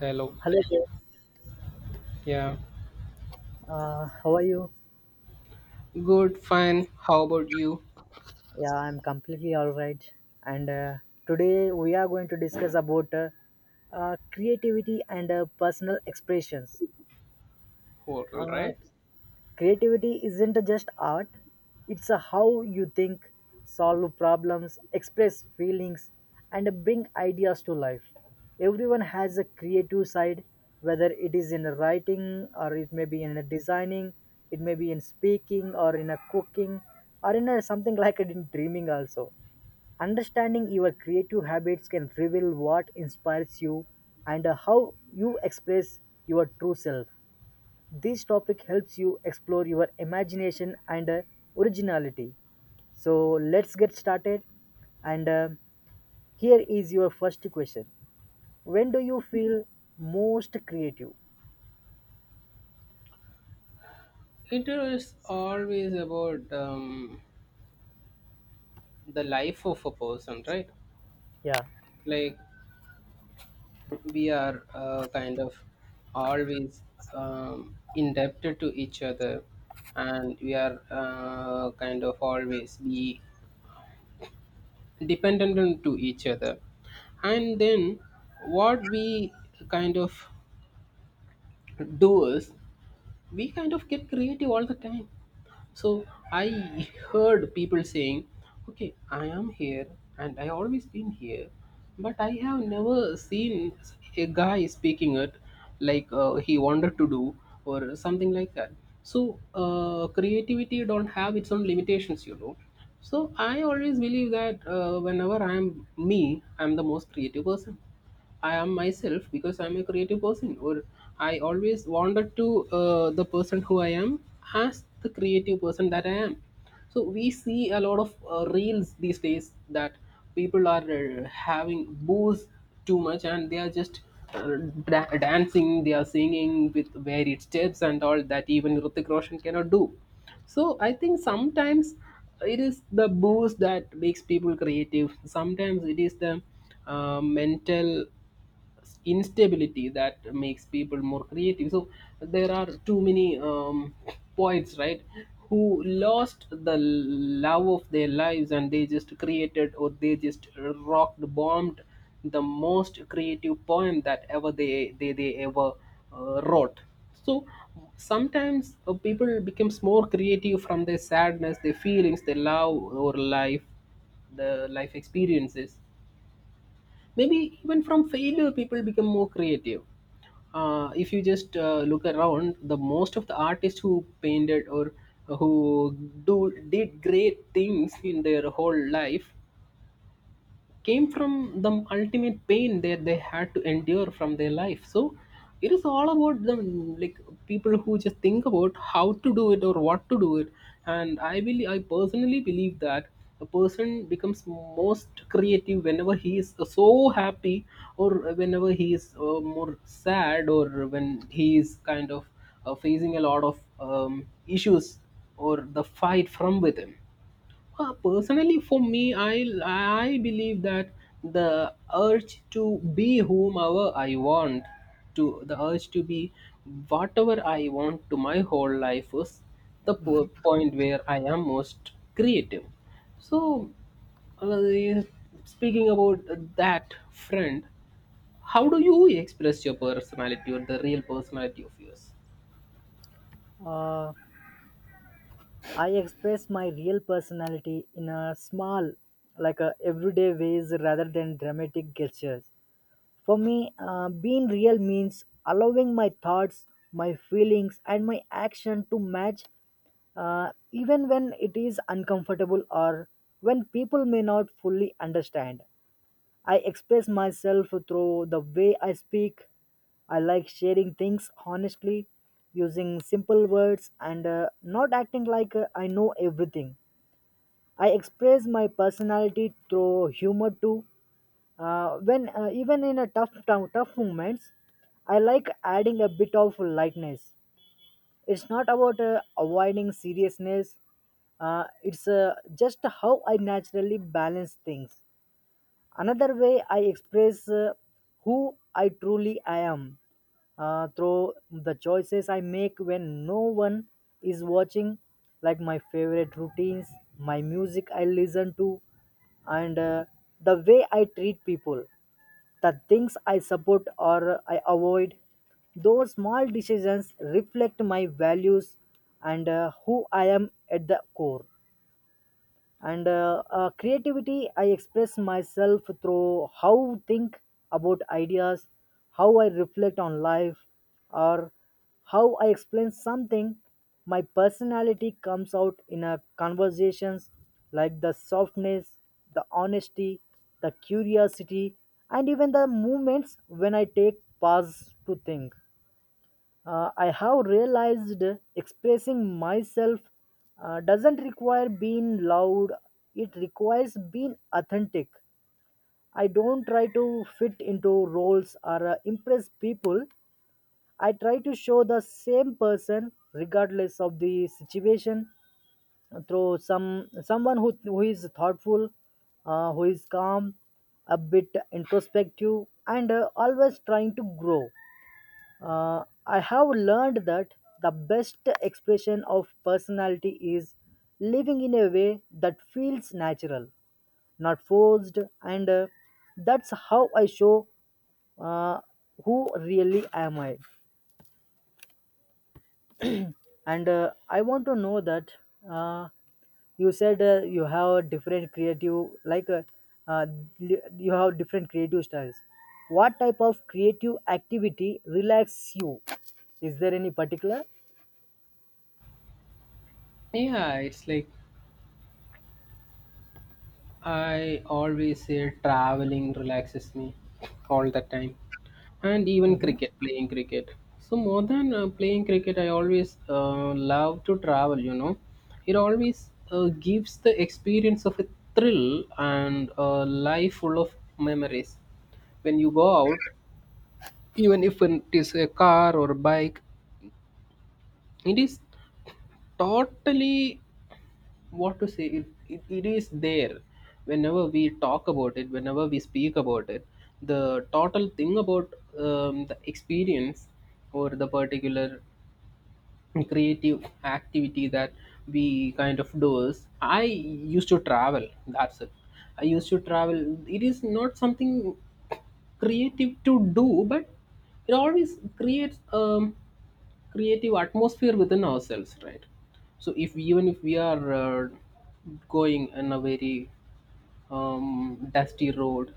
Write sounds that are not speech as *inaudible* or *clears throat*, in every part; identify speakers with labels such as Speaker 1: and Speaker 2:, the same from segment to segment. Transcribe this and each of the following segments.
Speaker 1: Hello.
Speaker 2: Hello there.
Speaker 1: Yeah.
Speaker 2: How are you?
Speaker 1: Good, fine. How about you?
Speaker 2: Yeah, I'm completely all right. And Today we are going to discuss about creativity and personal expressions.
Speaker 1: Hotel,
Speaker 2: Uh,
Speaker 1: right?
Speaker 2: Creativity isn't just art, it's a how you think, solve problems, express feelings, and bring ideas to life. Everyone has a creative side, whether it is in writing, or it may be in a designing, it may be in speaking, or in a cooking, or in a, something like it in dreaming also. Understanding your creative habits can reveal what inspires you and how you express your true self. This topic helps you explore your imagination and originality. So let's get started. And Here is your first question. When do you feel most creative?
Speaker 1: It is always about the life of a person, right?
Speaker 2: Yeah.
Speaker 1: Like we are kind of always indebted to each other, and we are kind of always be dependent on to each other. And then what we kind of do is we kind of get creative all the time. So I heard people saying, okay, I am here and I always been here, but I have never seen a guy speaking it like he wanted to do or something like that. So creativity don't have its own limitations, you know. So I always believe that whenever I am me, I am the most creative person. I am myself because I'm a creative person, or I always wanted to the person who I am as the creative person that I am. So we see a lot of reels these days that people are having booze too much and they are just uh, dancing, they are singing with varied steps and all that even Hrithik Roshan cannot do. So I think sometimes it is the booze that makes people creative. Sometimes it is the mental instability that makes people more creative. So there are too many poets, right, who lost the love of their lives and they just created or they just rocked bombed the most creative poem that ever they ever wrote. So sometimes people becomes more creative from their sadness, their feelings, their love or life, the life experiences. Maybe even from failure people become more creative. If you just look around, the most of the artists who painted or who do did great things in their whole life came from the ultimate pain that they had to endure from their life. So it is all about them, like people who just think about how to do it or what to do it. And I believe, I personally believe that a person becomes most creative whenever he is so happy or whenever he is more sad, or when he is kind of facing a lot of issues or the fight from within. Personally, for me, I believe that the urge to be whomever I want, to the urge to be whatever I want to my whole life is the point where I am most creative. So, uh, speaking about that, friend, how do you express your personality or the real personality of yours?
Speaker 2: Uh, I express my real personality in a small, like a everyday ways rather than dramatic gestures. For me, being real means allowing my thoughts, my feelings, and my action to match, even when it is uncomfortable or when people may not fully understand. I express myself through the way I speak. I like sharing things honestly, using simple words, and not acting like I know everything. I express my personality through humor too. When even in a tough moments, I like adding a bit of lightness. It's not about avoiding seriousness. It's just how I naturally balance things. Another way I express who I truly I am, through the choices I make when no one is watching, like my favorite routines, my music I listen to, and the way I treat people, the things I support or I avoid. Those small decisions reflect my values and who I am at the core and creativity, I express myself through how think about ideas, how I reflect on life, or how I explain something. My personality comes out in a conversations, like the softness, the honesty, the curiosity, and even the moments when I take pause to think. I have realized expressing myself doesn't require being loud, it requires being authentic. I don't try to fit into roles or impress people. I try to show the same person regardless of the situation, through someone who is thoughtful, who is calm, a bit introspective, and always trying to grow. I have learned that the best expression of personality is living in a way that feels natural, not forced, and that's how I show uh, who really am I. And I want to know that, uh, you said you have different creative, like uh, you have different creative styles. What type of creative activity relaxes you? Is there any particular?
Speaker 1: Yeah, it's like I always say traveling relaxes me all the time, and even cricket, playing cricket. So, more than playing cricket, I always love to travel, you know. It always gives the experience of a thrill and a life full of memories. When you go out, even if it is a car or a bike, it is totally, what to say, it is there whenever we talk about it, whenever we speak about it, the total thing about the experience or the particular creative activity that we kind of do is I used to travel, that's it. I used to travel. It is not something creative to do, but it always creates creative atmosphere within ourselves, right? So if even if we are going in a very dusty road,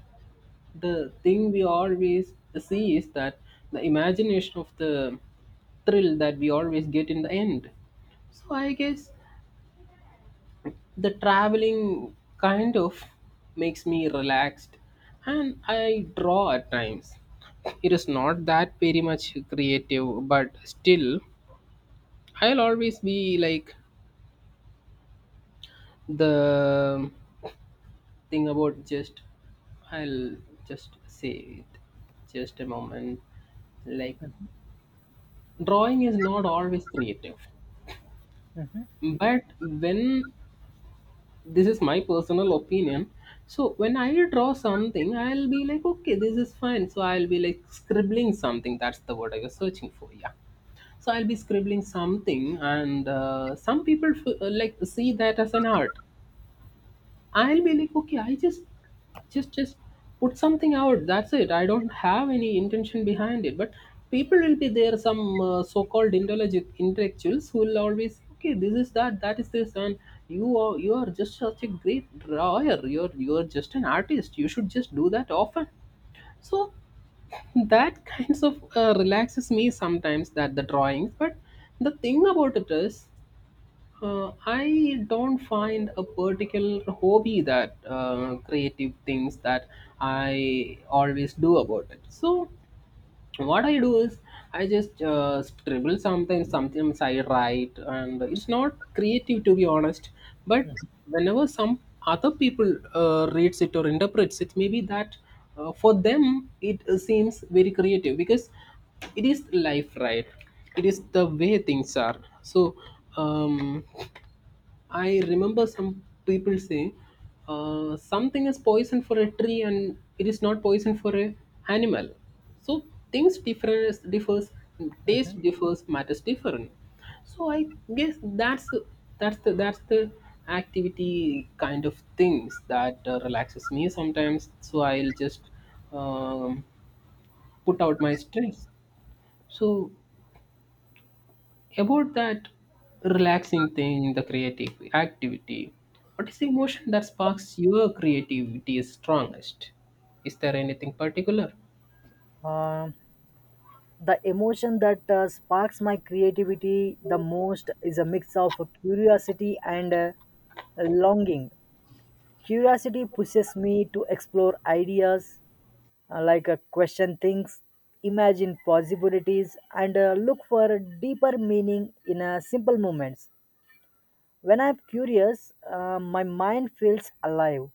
Speaker 1: the thing we always see is that the imagination of the thrill that we always get in the end. So I guess the traveling kind of makes me relaxed, and I draw at times. It is not that very much creative, but still, I'll always be like the thing about, just, I'll just say it, just a moment, like drawing is not always creative, but when, this is my personal opinion, so when I draw something I'll be like, okay, this is fine, so I'll be like scribbling something, that's the word I was searching for, yeah. So I'll be scribbling something, and some people, like, see that as an art. I'll be like, okay, I just just put something out. That's it. I don't have any intention behind it. But people will be there, some so-called intelligent intellectuals who will always, okay, this is that, that is this, and you are just such a great drawer. You're just an artist. You should just do that often. So that kinds of relaxes me sometimes, that the drawings. But the thing about it is. I don't find a particular hobby that creative things that I always do about it. So what I do is I just scribble something, sometimes I write, and it's not creative to be honest. But whenever some other people reads it or interprets it, maybe that for them it seems very creative because it is life, right? It is the way things are. So um, I remember some people saying something is poison for a tree and it is not poison for a animal. So things different, differs, taste differs, matters different. So I guess that's the activity kind of things that relaxes me sometimes. So I'll just um, put out my stress. So about that relaxing thing, the creative activity, what is the emotion that sparks your creativity strongest? Is there anything particular?
Speaker 2: Uh, the emotion that sparks my creativity the most is a mix of curiosity and longing. Curiosity pushes me to explore ideas, like question things, imagine possibilities, and look for deeper meaning in simple moments. When I'm curious, my mind feels alive.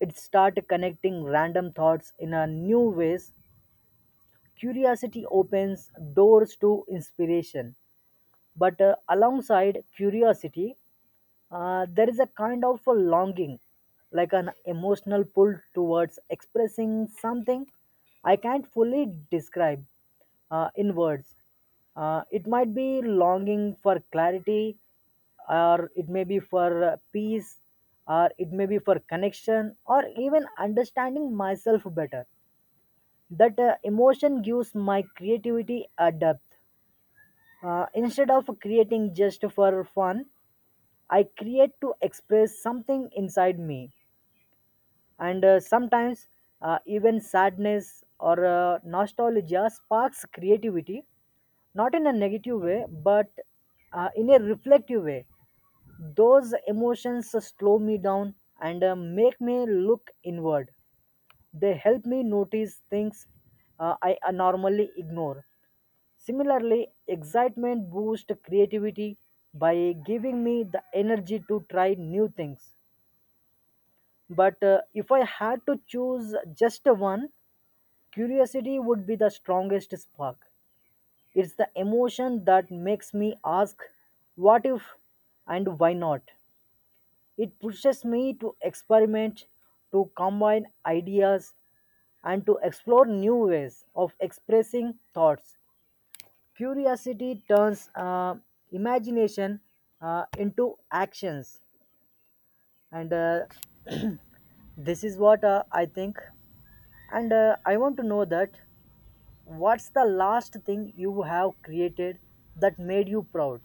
Speaker 2: It starts connecting random thoughts in a new ways. Curiosity opens doors to inspiration, but alongside curiosity, there is a kind of a longing, like an emotional pull towards expressing something I can't fully describe in words. It might be longing for clarity, or it may be for peace, or it may be for connection, or even understanding myself better. That emotion gives my creativity a depth. Instead of creating just for fun, I create to express something inside me. And sometimes even sadness or nostalgia sparks creativity, not in a negative way, but in a reflective way. Those emotions slow me down and make me look inward. They help me notice things I normally ignore. Similarly, excitement boosts creativity by giving me the energy to try new things. But if I had to choose just one, curiosity would be the strongest spark. It's the emotion that makes me ask, what if and why not? It pushes me to experiment, to combine ideas, and to explore new ways of expressing thoughts. Curiosity turns imagination into actions, and this is what I think. And I want to know that, what's the last thing you have created that made you proud?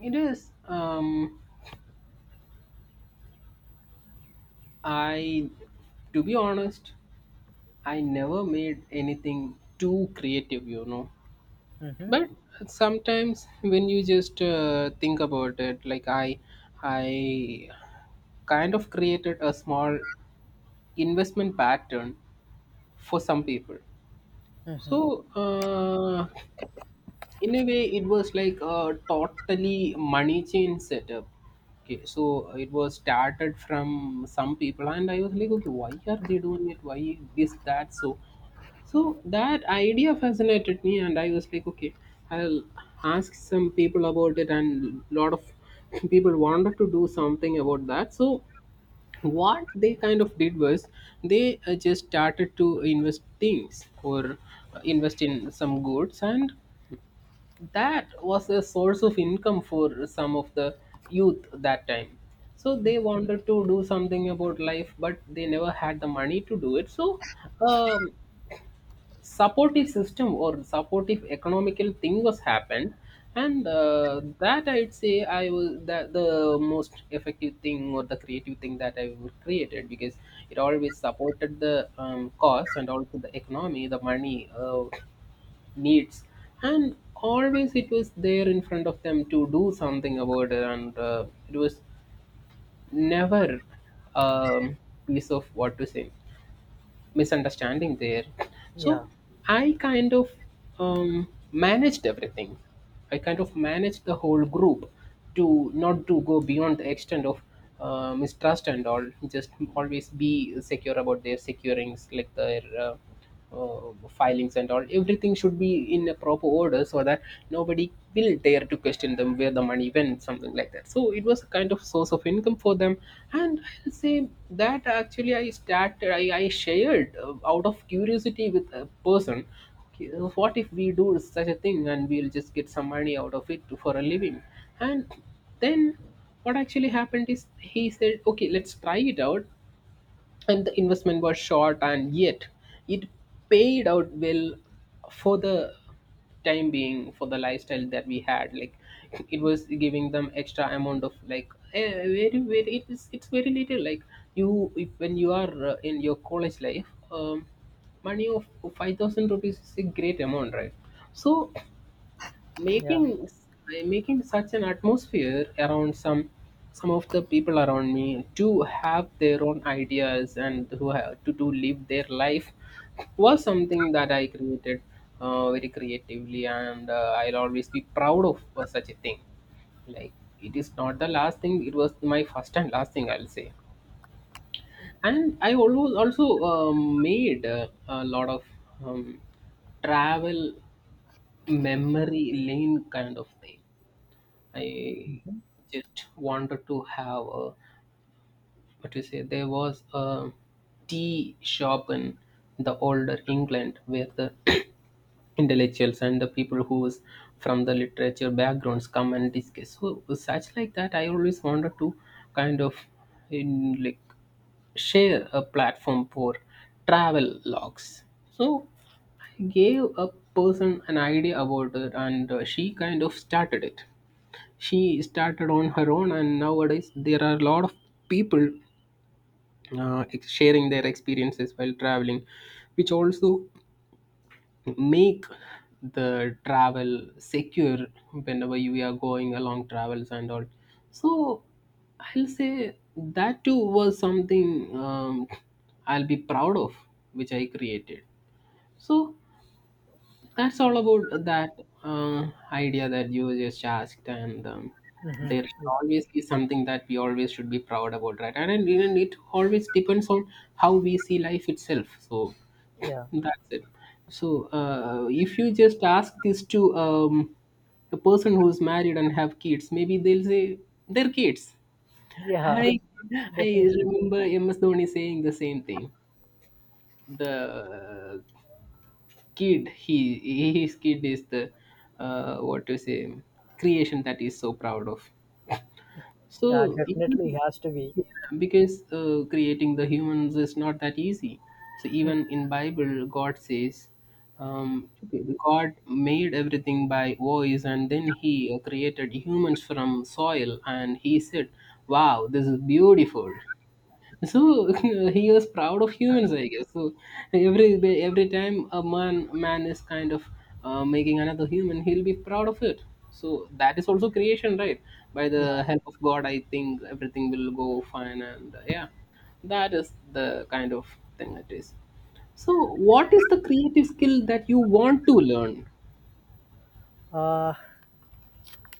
Speaker 1: It is. I, to be honest, I never made anything too creative, you know. But sometimes when you just think about it, like I kind of created a small investment pattern for some people. So, in a way, it was like a totally money chain setup. Okay, so it was started from some people, and I was like, okay, why are they doing it? Why this, that, so? So that idea fascinated me, and I was like, okay, I'll ask some people about it, and lot of *laughs* people wanted to do something about that. So what they kind of did was they just started to invest things or invest in some goods, and that was a source of income for some of the youth that time. So they wanted to do something about life but they never had the money to do it. So um, supportive system or supportive economical thing was happened, and that I'd say I was that the most effective thing or the creative thing that I would created, because it always supported the cause and also the economy, the money needs, and always it was there in front of them to do something about it, and it was never um, piece of what to say misunderstanding there. So,
Speaker 2: Yeah,
Speaker 1: I kind of managed everything. I kind of managed the whole group to not to go beyond the extent of mistrust and all. Just always be secure about their securings, like their filings and all, everything should be in a proper order so that nobody will dare to question them where the money went, something like that. So it was a kind of source of income for them, and I'll say that actually I started, I shared out of curiosity with a person, "Okay, what if we do such a thing and we'll just get some money out of it for a living?" And then what actually happened is he said, okay, let's try it out. And the investment was short, and yet it paid out well for the time being, for the lifestyle that we had. Like it was giving them extra amount of, like, very very, it is, it's very little. Like, you if, when you are in your college life, money of 5,000 rupees is a great amount, right? So
Speaker 2: yeah,
Speaker 1: making, making such an atmosphere around some of the people around me to have their own ideas and who have to live their life was something that I created very creatively, and I'll always be proud of for such a thing. Like, it is not the last thing, it was my first and last thing I'll say. And I always also made a lot of um, travel memory lane kind of thing. I just wanted to have a, what you say. There was a tea shop in the older England where the *clears throat* intellectuals and the people who's from the literature backgrounds come and discuss. So such like that, I always wanted to kind of in, like, share a platform for travel logs. So I gave a person an idea about it, and she kind of started it. She started on her own, and nowadays there are a lot of people sharing their experiences while traveling, which also make the travel secure whenever you are going along travels and all. So I'll say that too was something I'll be proud of, which I created. So that's all about that idea that you just asked, and there should always be something that we always should be proud about, right? And it always depends on how we see life itself. So *laughs*
Speaker 2: yeah,
Speaker 1: that's it. So if you just ask this to a person who's married and have kids, maybe they'll say they're kids.
Speaker 2: yeah,
Speaker 1: I I
Speaker 2: *laughs* definitely.
Speaker 1: remember MS Dhoni saying the same thing. The kid he His kid is the what to say creation that he's so proud of, so
Speaker 2: Yeah, definitely has to be.
Speaker 1: yeah, because creating the humans is not that easy, so even in bible god says, okay, god made everything by voice and then he created humans from soil and he said wow this is beautiful. So *laughs* he was proud of humans I guess. So every time a man is kind of making another human he'll be proud of it. So that is also creation, right? By the help of god I think everything will go fine and yeah, that is the kind of thing it is. So what is the creative skill that you want to learn?
Speaker 2: Uh,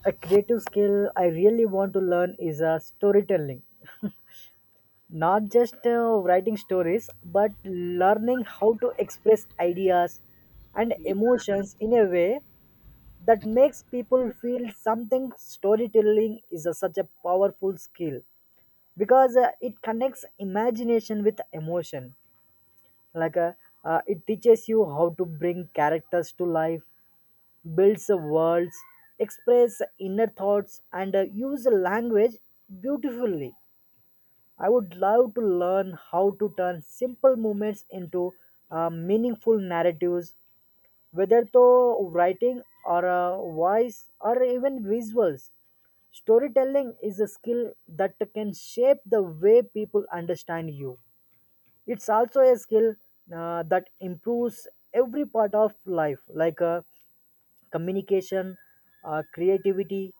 Speaker 2: a creative skill I really want to learn is storytelling. Not just writing stories, but learning how to express ideas and
Speaker 1: Yeah,
Speaker 2: emotions in a way that makes people feel something. Storytelling is a, such a powerful skill, because it connects imagination with emotion, like it teaches you how to bring characters to life, builds worlds, express inner thoughts, and use language beautifully. I would love to learn how to turn simple movements into meaningful narratives, whether through writing or voice or even visuals. Storytelling is a skill that can shape the way people understand you. It's also a skill that improves every part of life, like communication, creativity,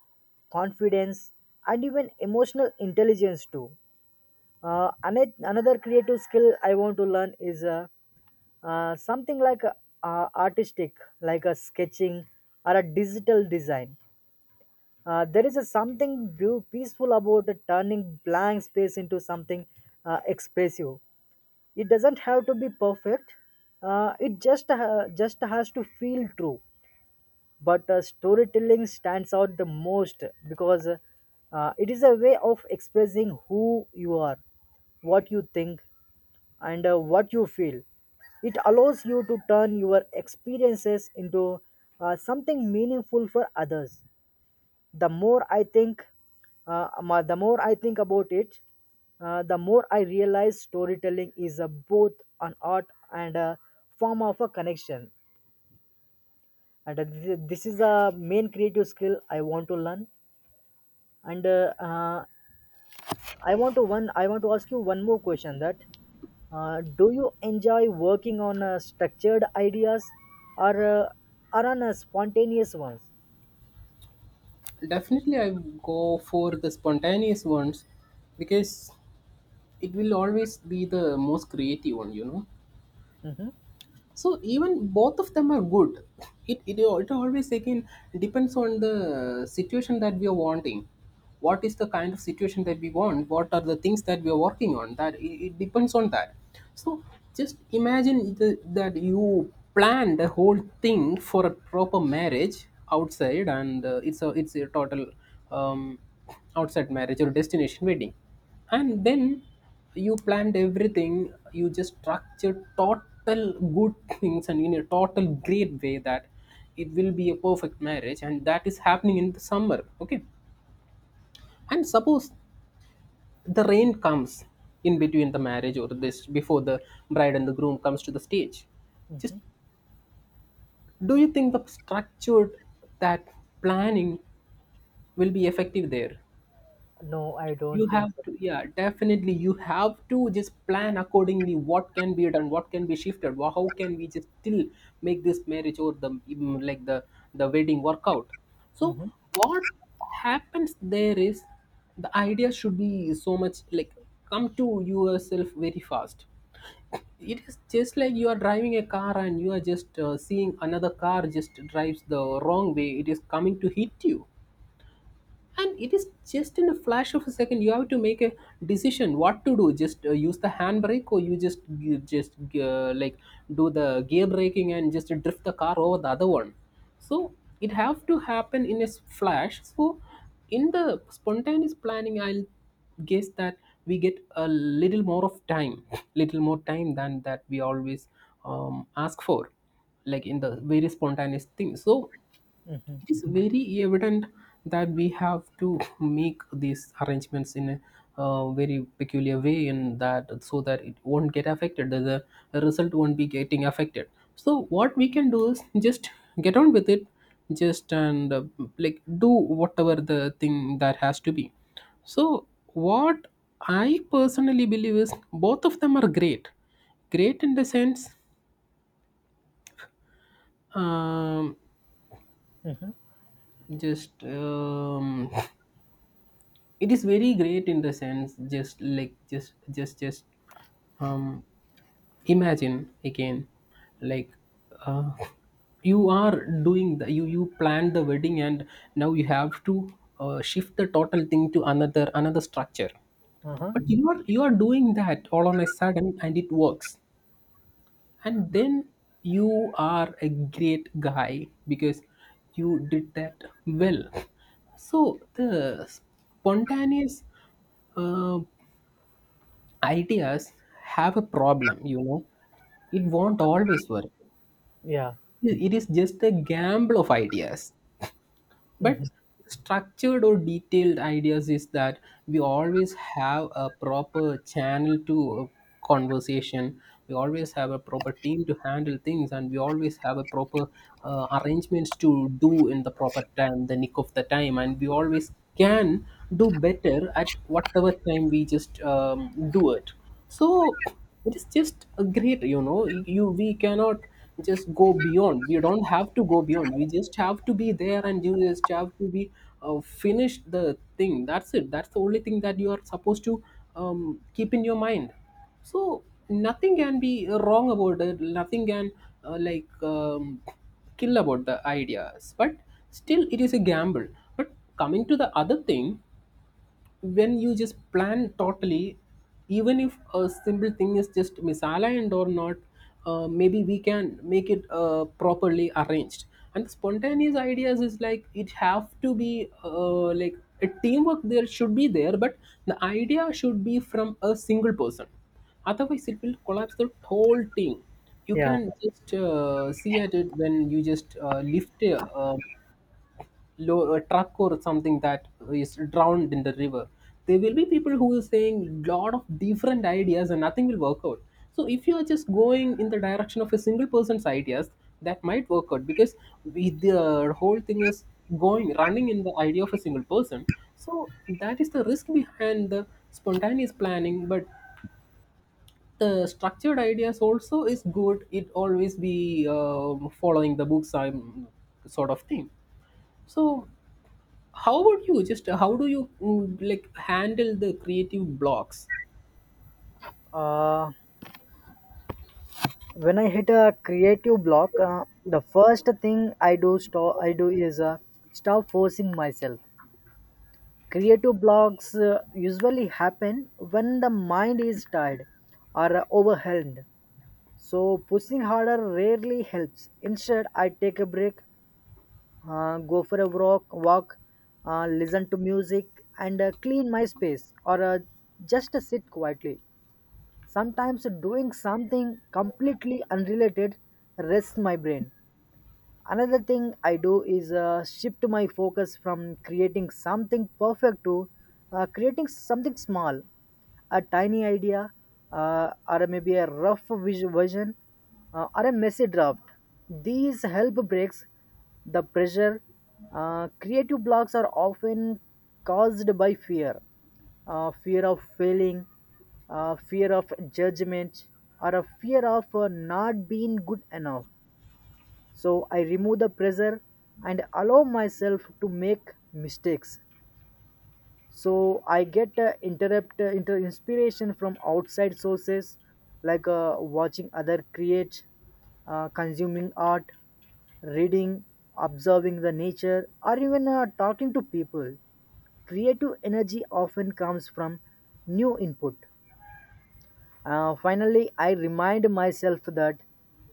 Speaker 2: confidence, and even emotional intelligence too. Another creative skill I want to learn is something like artistic, like a sketching or a digital design. There is a something peaceful about turning blank space into something expressive. It doesn't have to be perfect. It just has to feel true. But storytelling stands out the most, because it is a way of expressing who you are, what you think, and what you feel. It allows you to turn your experiences into something meaningful for others. The more I think, the more I think about it, the more I realize storytelling is a, both an art and a form of a connection. And this is the main creative skill I want to learn. And I want to one. I want to ask you one more question. That do you enjoy working on structured ideas or uh, or on spontaneous ones?
Speaker 1: definitely I go for the spontaneous ones, because it will always be the most creative one, you know.
Speaker 2: Mm-hmm,
Speaker 1: So even both of them are good. It always again depends on the situation that we are wanting. What is the kind of situation that we want, what are the things that we are working on, that it depends on that. So just imagine the, that you plan the whole thing for a proper marriage outside and it's a total um, outside marriage or destination wedding, and then you planned everything, you just structured total good things and in a total great way, that it will be a perfect marriage and that is happening in the summer, okay? And suppose the rain comes in between the marriage or this before the bride and the groom comes to the stage. Just,
Speaker 2: mm-hmm.
Speaker 1: do you think the structured, that planning will be effective there?
Speaker 2: No, I
Speaker 1: You
Speaker 2: don't think
Speaker 1: have
Speaker 2: so.
Speaker 1: to, yeah definitely you have to just plan accordingly what can be done, what can be shifted, how can we just still make this marriage or the like the wedding work out. So
Speaker 2: Mm-hmm,
Speaker 1: what happens there is the idea should be so much like come to yourself very fast. It is just like you are driving a car and you are just seeing another car just drives the wrong way, it is coming to hit you, and it is just in a flash of a second you have to make a decision what to do, just use the handbrake, or you just like do the gear braking and just drift the car over the other one. So it have to happen in a flash. So in the spontaneous planning I'll guess that we get a little more of time, *laughs* little more time than that we always ask for, like in the very spontaneous thing. So it is very evident that we have to make these arrangements in a very peculiar way in that, so that it won't get affected, that the result won't be getting affected. So what we can do is just get on with it, just and like do whatever the thing that has to be. So what I personally believe is both of them are great. Great in the sense um,
Speaker 2: mm-hmm.
Speaker 1: just it is very great in the sense, just like just um imagine again, like uh, you are doing the you planned the wedding and now you have to shift the total thing to another structure.
Speaker 2: Uh-huh.
Speaker 1: But you are, you are doing that all on a sudden and it works, and then you are a great guy because you did that well. So the spontaneous uh, ideas have a problem, you know, it won't always work.
Speaker 2: Yeah.
Speaker 1: It is just a gamble of ideas.
Speaker 2: Hmm.
Speaker 1: But structured or detailed ideas is that we always have a proper channel to conversation, we always have a proper team to handle things, and we always have a proper arrangements to do in the proper time, the nick of the time, and we always can do better at whatever time we just do it. So it is just a great, you know, you we cannot just go beyond, we don't have to go beyond, we just have to be there and you just have to be finish the thing, that's it, that's the only thing that you are supposed to keep in your mind. So nothing can be wrong about it, nothing can uh, like um, kill about the ideas, but still it is a gamble. But coming to the other thing, when you just plan totally, even if a simple thing is just misaligned or not, maybe we can make it properly arranged. And spontaneous ideas is like it have to be like a teamwork there should be there, but the idea should be from a single person, otherwise it will collapse the whole thing. You
Speaker 2: Yeah.
Speaker 1: can just see at it when you just lift a, a truck or something that is drowned in the river. There will be people who is saying lot of different ideas and nothing will work out. So if you are just going in the direction of a single person's ideas, that might work out, because we, the whole thing is going running in the idea of a single person. So that is the risk behind the spontaneous planning. But the structured ideas also is good, it always be following the books I'm sort of thing. So how about you, just how do you like handle the creative blocks?
Speaker 2: Uh, when I hit a creative block, the first thing I do stop. I do is stop forcing myself. Creative blocks usually happen when the mind is tired or overwhelmed. So pushing harder rarely helps. Instead, I take a break, go for a walk, listen to music, and clean my space, or just sit quietly. Sometimes doing something completely unrelated rests my brain. Another thing I do is shift my focus from creating something perfect to creating something small, a tiny idea, or maybe a rough vision, or a messy draft. These help breaks the pressure. Creative blocks are often caused by fear, fear of failing, fear of judgment, or a fear of not being good enough. So I remove the pressure and allow myself to make mistakes. So I get inspiration from outside sources, like watching other create, consuming art, reading, observing the nature, or even talking to people. Creative energy often comes from new input. Finally, I remind myself that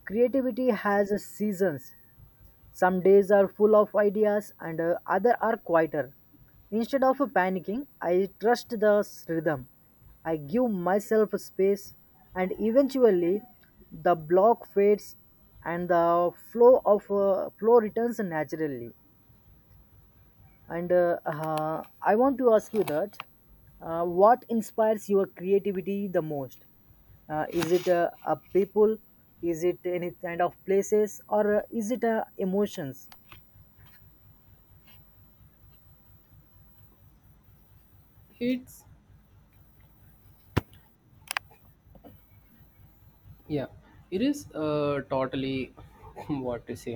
Speaker 2: creativity has a seasons. Some days are full of ideas and other are quieter. Instead of panicking, I trust the rhythm. I give myself space, and eventually the block fades and the flow of flow returns naturally. And I want to ask you that, what inspires your creativity the most? Is it a people? Is it any kind of places, or is it emotions?
Speaker 1: It's, yeah, it is totally, *laughs* what to say,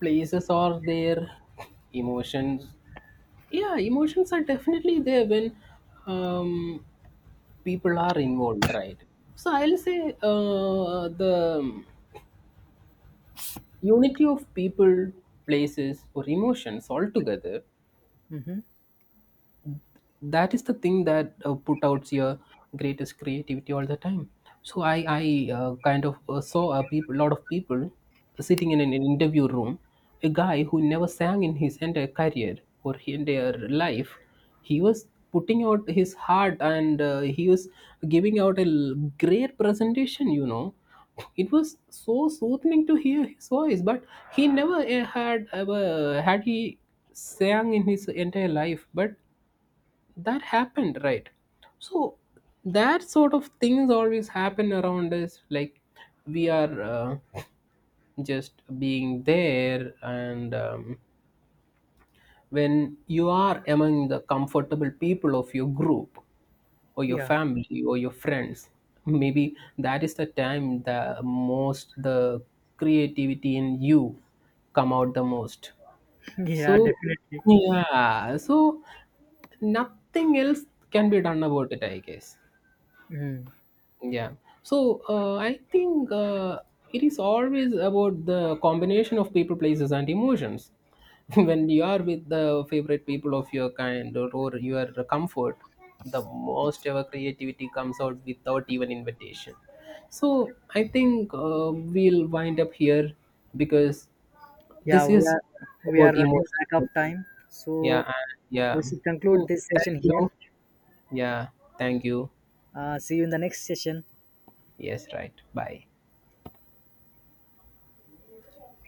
Speaker 1: places are there, emotions, yeah emotions are definitely there when um, people are involved, right? So I'll say the unity of people, places or emotions all together.
Speaker 2: Mhm.
Speaker 1: That is the thing that put out your greatest creativity all the time. So i kind of saw a peop lot of people sitting in an interview room, a guy who never sang in his entire career or his entire life. He was putting out his heart and he was giving out a great presentation, you know. It was so soothing to hear his voice, but he never had ever had he sang in his entire life, but that happened, right? So that sort of things always happen around us, like we are just being there and when you are among the comfortable people of your group or your
Speaker 2: Yeah,
Speaker 1: family or your friends, maybe that is the time the most the creativity in you come out the most.
Speaker 2: *clears throat* *laughs* yeah,
Speaker 1: So
Speaker 2: definitely.
Speaker 1: yeah, so nothing else can be done about it I guess.
Speaker 2: Mm.
Speaker 1: Yeah. So I think it is always about the combination of people, places, and emotions. *laughs* When you are with the favorite people of your kind or your comfort, the most ever creativity comes out without even invitation. So I think we'll wind up here because
Speaker 2: Yeah,
Speaker 1: this is
Speaker 2: we are
Speaker 1: about
Speaker 2: running
Speaker 1: emotions.
Speaker 2: back of time,
Speaker 1: Yeah.
Speaker 2: so
Speaker 1: And yeah.
Speaker 2: we should conclude
Speaker 1: So
Speaker 2: this
Speaker 1: thank
Speaker 2: session here.
Speaker 1: you. Yeah. Thank you.
Speaker 2: See you in the next session.
Speaker 1: Yes. Right. Bye.